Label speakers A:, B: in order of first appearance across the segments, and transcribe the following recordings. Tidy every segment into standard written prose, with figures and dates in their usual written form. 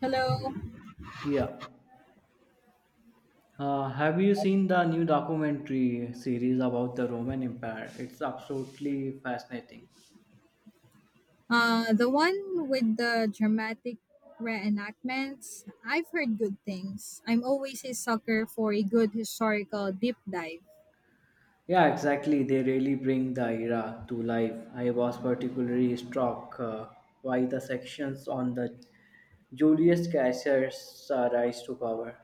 A: Hello.
B: Yeah. Have you seen the new documentary series about the Roman Empire? It's absolutely fascinating.
A: The one with the dramatic reenactments. I've heard good things. I'm always a sucker for a good historical deep dive.
B: Yeah, exactly. They really bring the era to life. I was particularly struck by the sections on the Julius Caesar's rise to power.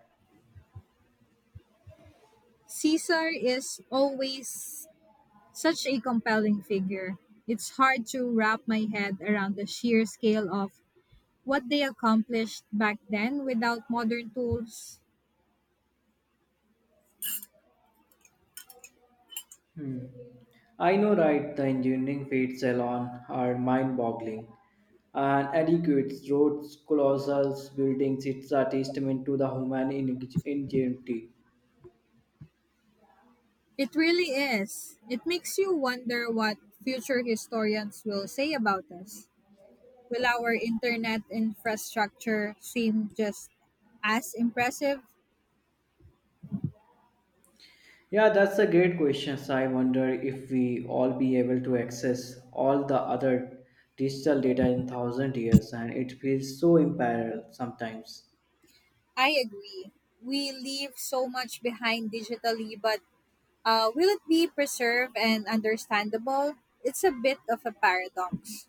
A: Caesar is always such a compelling figure. It's hard to wrap my head around the sheer scale of what they accomplished back then without modern tools.
B: Hmm. I know, right? The engineering feats alone are mind-boggling. And adequate roads, colossal buildings, it's a testament to the human ingenuity.
A: It really is. It makes you wonder what future historians will say about us. Will our internet infrastructure seem just as impressive?
B: Yeah, that's a great question. I wonder if we all be able to access all the other digital data in 1,000 years, and it feels so in sometimes.
A: I agree. We leave so much behind digitally, but will it be preserved and understandable? It's a bit of a paradox.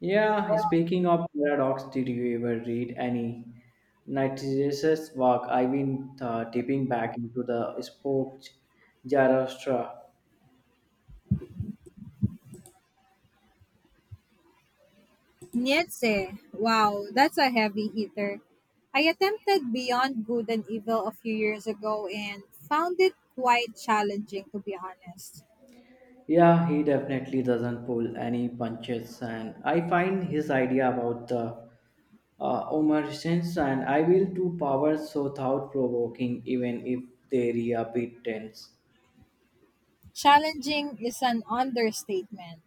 B: Yeah, speaking of paradox, did you ever read any Nietzsche's work? I've been dipping back into the spoke Zarathustra.
A: Nietzsche, wow, that's a heavy hitter. I attempted Beyond Good and Evil a few years ago and found it quite challenging, to be honest.
B: Yeah, he definitely doesn't pull any punches, and I find his idea about the omniscience and I will to powers so thought-provoking, even if they are a bit tense.
A: Challenging is an understatement.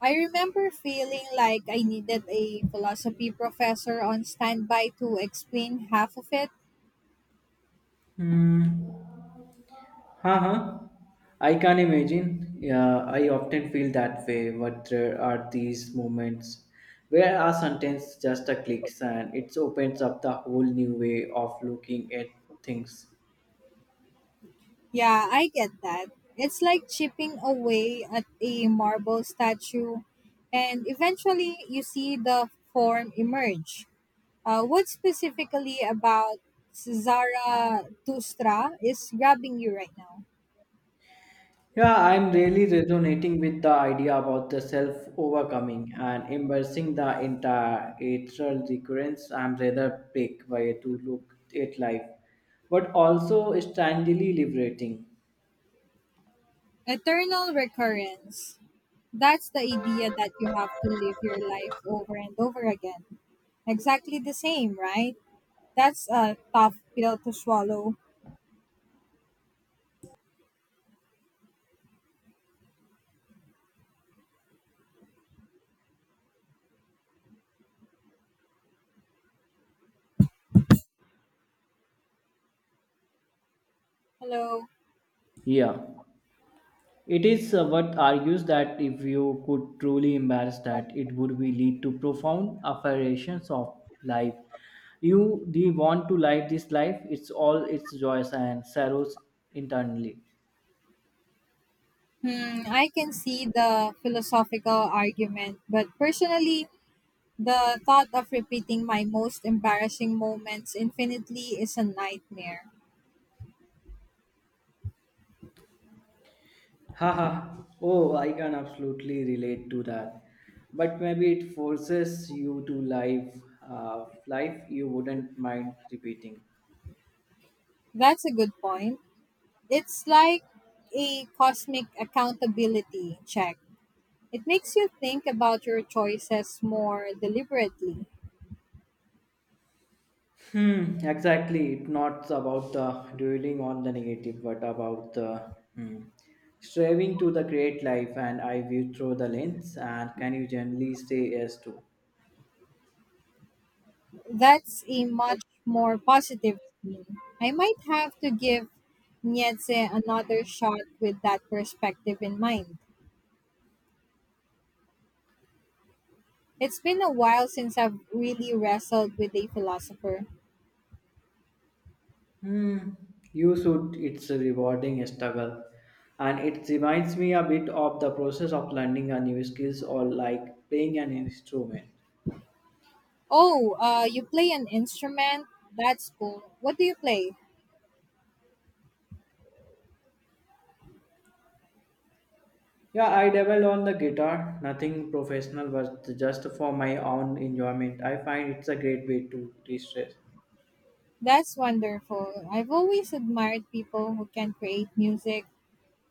A: I remember feeling like I needed a philosophy professor on standby to explain half of it.
B: Hmm. Huh. Huh. I can imagine. Yeah, I often feel that way. But there are these moments where a sentence just a clicks and it opens up the whole new way of looking at things.
A: Yeah, I get that. It's like chipping away at a marble statue, and eventually you see the form emerge. What specifically about Zara Tustra is grabbing you right now?
B: Yeah, I'm really resonating with the idea about the self overcoming and embracing the entire eternal recurrence. I'm rather big way to look at life, but also strangely liberating.
A: Eternal recurrence. That's the idea that you have to live your life over and over again. Exactly the same, right? That's a tough pill to swallow. Hello.
B: Yeah, it is what argues that if you could truly embrace that, it would be lead to profound affirmations of life. You Do you want to live this life? It's all its joys and sorrows internally.
A: Hmm, I can see the philosophical argument, but personally, the thought of repeating my most embarrassing moments infinitely is a nightmare.
B: Haha. Oh, I can absolutely relate to that. But maybe it forces you to live life you wouldn't mind repeating.
A: That's a good point. It's like a cosmic accountability check. It makes you think about your choices more deliberately.
B: Hmm, exactly. It's not about the dwelling on the negative, but about the striving to the great life and I view through the lens and can you generally say yes to?
A: That's a much more positive spin. I might have to give Nietzsche another shot with that perspective in mind. It's been a while since I've really wrestled with a philosopher.
B: Hmm, you should. It's a rewarding struggle, and it reminds me a bit of the process of learning a new skills or like playing an instrument.
A: Oh, you play an instrument? That's cool. What do you play?
B: Yeah, I dabbled on the guitar. Nothing professional, but just for my own enjoyment. I find it's a great way to de-stress.
A: That's wonderful. I've always admired people who can create music.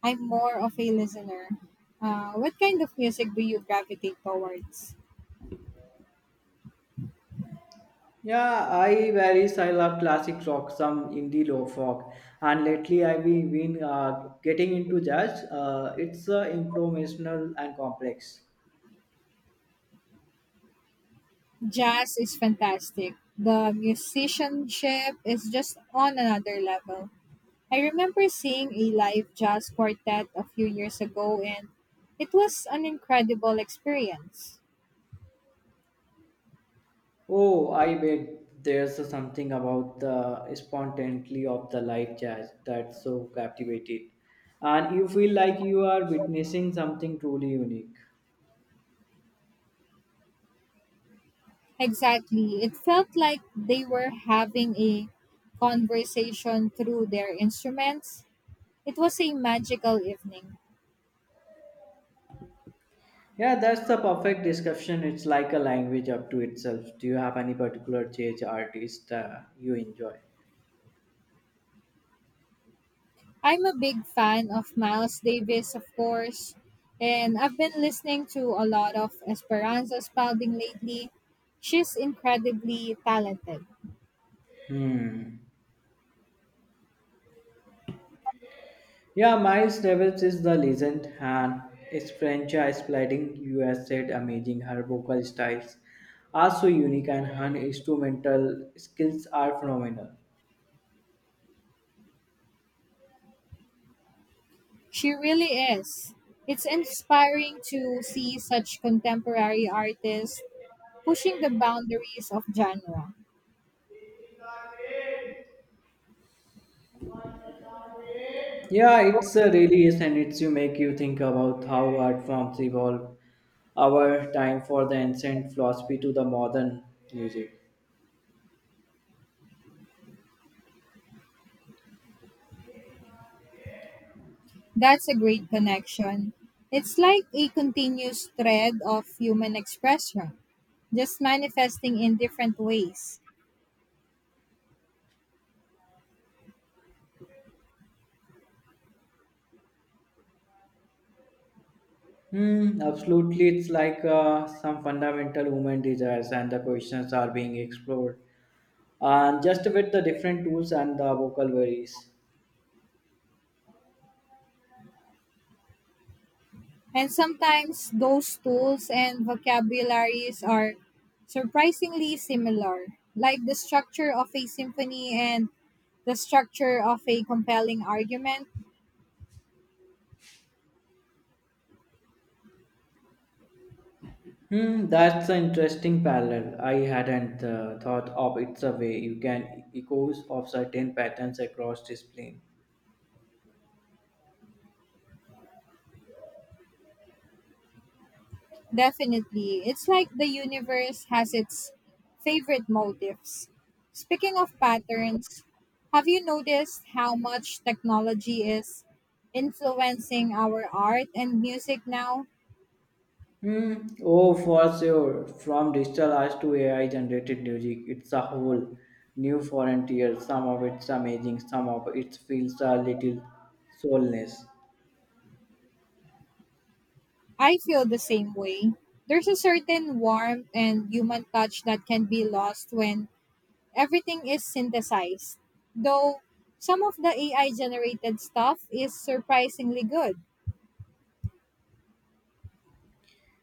A: I'm more of a listener. What kind of music do you gravitate towards?
B: Yeah, I varies. I love classic rock, some indie low folk, and lately I've been getting into jazz. It's improvisational and complex.
A: Jazz is fantastic. The musicianship is just on another level. I remember seeing a live jazz quartet a few years ago and it was an incredible experience.
B: Oh, I bet there's something about the spontaneity of the live jazz that's so captivating. And you feel like you are witnessing something truly unique.
A: Exactly. It felt like they were having a conversation through their instruments. It was a magical evening.
B: Yeah, that's the perfect description. It's like a language up to itself. Do you have any particular jazz artist you enjoy?
A: I'm a big fan of Miles Davis, of course, and I've been listening to a lot of Esperanza Spalding lately. She's incredibly talented.
B: Hmm. Yeah, Miles Davis is the legend and his franchise playing US said amazing her vocal styles are so unique and her instrumental skills are phenomenal.
A: She really is. It's inspiring to see such contemporary artists pushing the boundaries of genre.
B: Yeah, it's really is and it's you make you think about how art forms evolve our time for the ancient philosophy to the modern music.
A: That's a great connection. It's like a continuous thread of human expression, just manifesting in different ways.
B: Hmm, absolutely. It's like some fundamental human desires and the questions are being explored. And just with the different tools and the vocabularies.
A: And sometimes those tools and vocabularies are surprisingly similar, like the structure of a symphony and the structure of a compelling argument.
B: Hmm, that's an interesting parallel. I hadn't thought of it's a way you can echoes of certain patterns across discipline.
A: Definitely, it's like the universe has its favorite motifs. Speaking of patterns, have you noticed how much technology is influencing our art and music now?
B: Hmm. Oh, for sure. From digital art to AI generated music, it's a whole new frontier. Some of it's amazing, some of it feels a little soulless.
A: I feel the same way. There's a certain warmth and human touch that can be lost when everything is synthesized. Though some of the AI generated stuff is surprisingly good.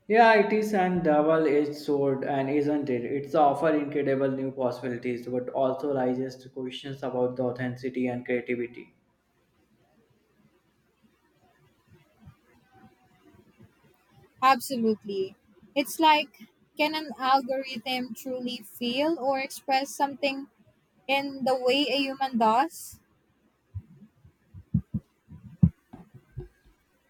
B: Yeah, it is an double-edged sword, and isn't it? It's offer incredible new possibilities, but also raises questions about the authenticity and creativity.
A: Absolutely. It's like can an algorithm truly feel or express something in the way a human does?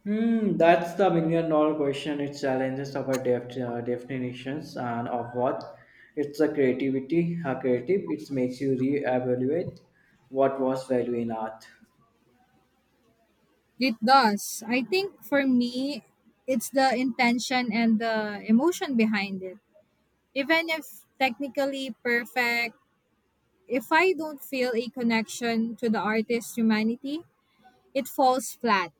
B: Hmm, that's the million-dollar question. It challenges our definitions and of what it's a creativity. A creative, it makes you re-evaluate what was value in art.
A: It does. I think for me, it's the intention and the emotion behind it. Even if technically perfect, if I don't feel a connection to the artist's humanity, it falls flat.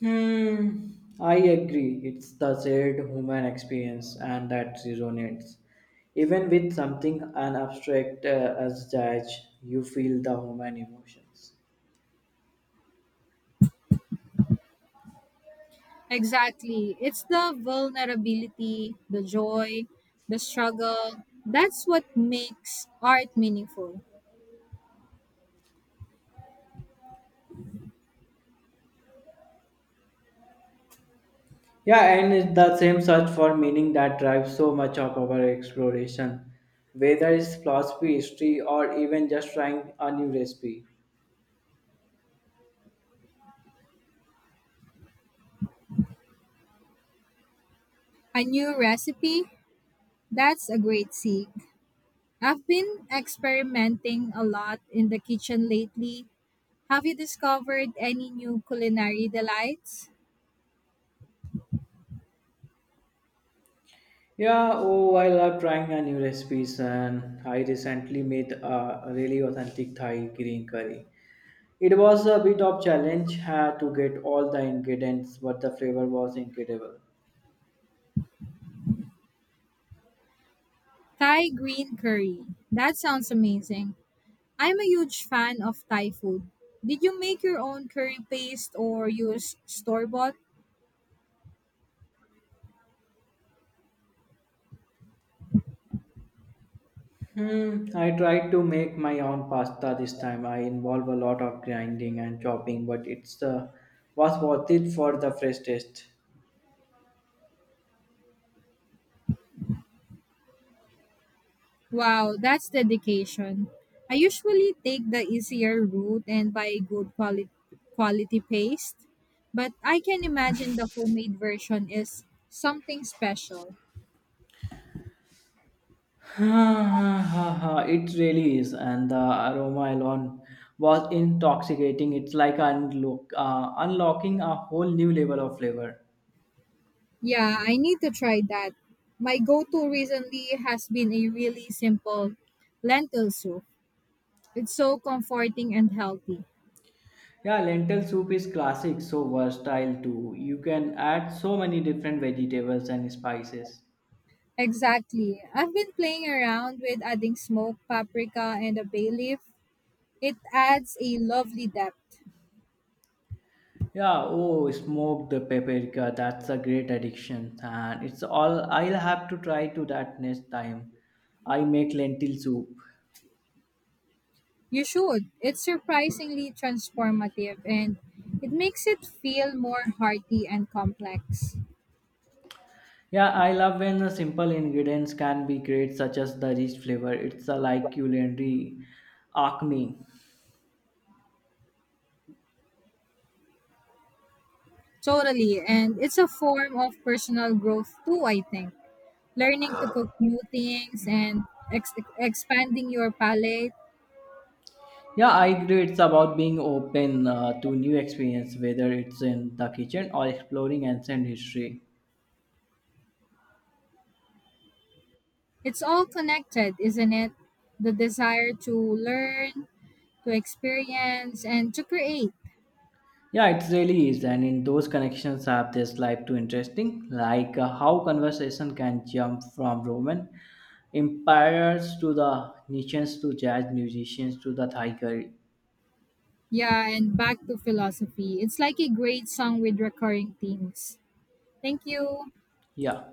B: Hmm, I agree. It's the shared human experience, and that resonates. Even with something an abstract as judge, you feel the human emotions.
A: Exactly. It's the vulnerability, the joy, the struggle. That's what makes art meaningful.
B: Yeah, and it's the same search for meaning that drives so much of our exploration, whether it's philosophy, history, or even just trying a new recipe.
A: A new recipe? That's a great seed. I've been experimenting a lot in the kitchen lately. Have you discovered any new culinary delights?
B: Yeah, oh, I love trying a new recipes, and I recently made a really authentic Thai green curry. It was a bit of challenge to get all the ingredients, but the flavor was incredible.
A: Thai green curry. That sounds amazing. I'm a huge fan of Thai food. Did you make your own curry paste or use store bought?
B: Hmm, I tried to make my own pasta this time. I involve a lot of grinding and chopping, but it's was worth it for the fresh taste.
A: Wow, that's dedication. I usually take the easier route and buy a good quality paste, but I can imagine the homemade version is something special.
B: It really is, and the aroma alone was intoxicating. It's like unlocking a whole new level of flavor.
A: Yeah, I need to try that. My go-to recently has been a really simple lentil soup. It's so comforting and healthy.
B: Yeah, lentil soup is classic, so versatile too. You can add so many different vegetables and spices.
A: Exactly. I've been playing around with adding smoked paprika and a bay leaf. It adds a lovely depth.
B: Yeah, oh, smoke the paprika. That's a great addiction, and it's all I'll have to try to that next time I make lentil soup.
A: You should. It's surprisingly transformative and it makes it feel more hearty and complex.
B: Yeah, I love when the simple ingredients can be great, such as the rich flavor. It's a like culinary acme.
A: Totally. And it's a form of personal growth too, I think. Learning to cook new things and expanding your palate.
B: Yeah, I agree. It's about being open to new experience, whether it's in the kitchen or exploring ancient history.
A: It's all connected, isn't it? The desire to learn, to experience, and to create.
B: Yeah, it really is, and in those connections have this life too interesting, like how conversation can jump from Roman empires to the Nietzscheans to jazz musicians to the Thai curry.
A: Yeah, and back to philosophy. It's like a great song with recurring themes. Thank you.
B: Yeah.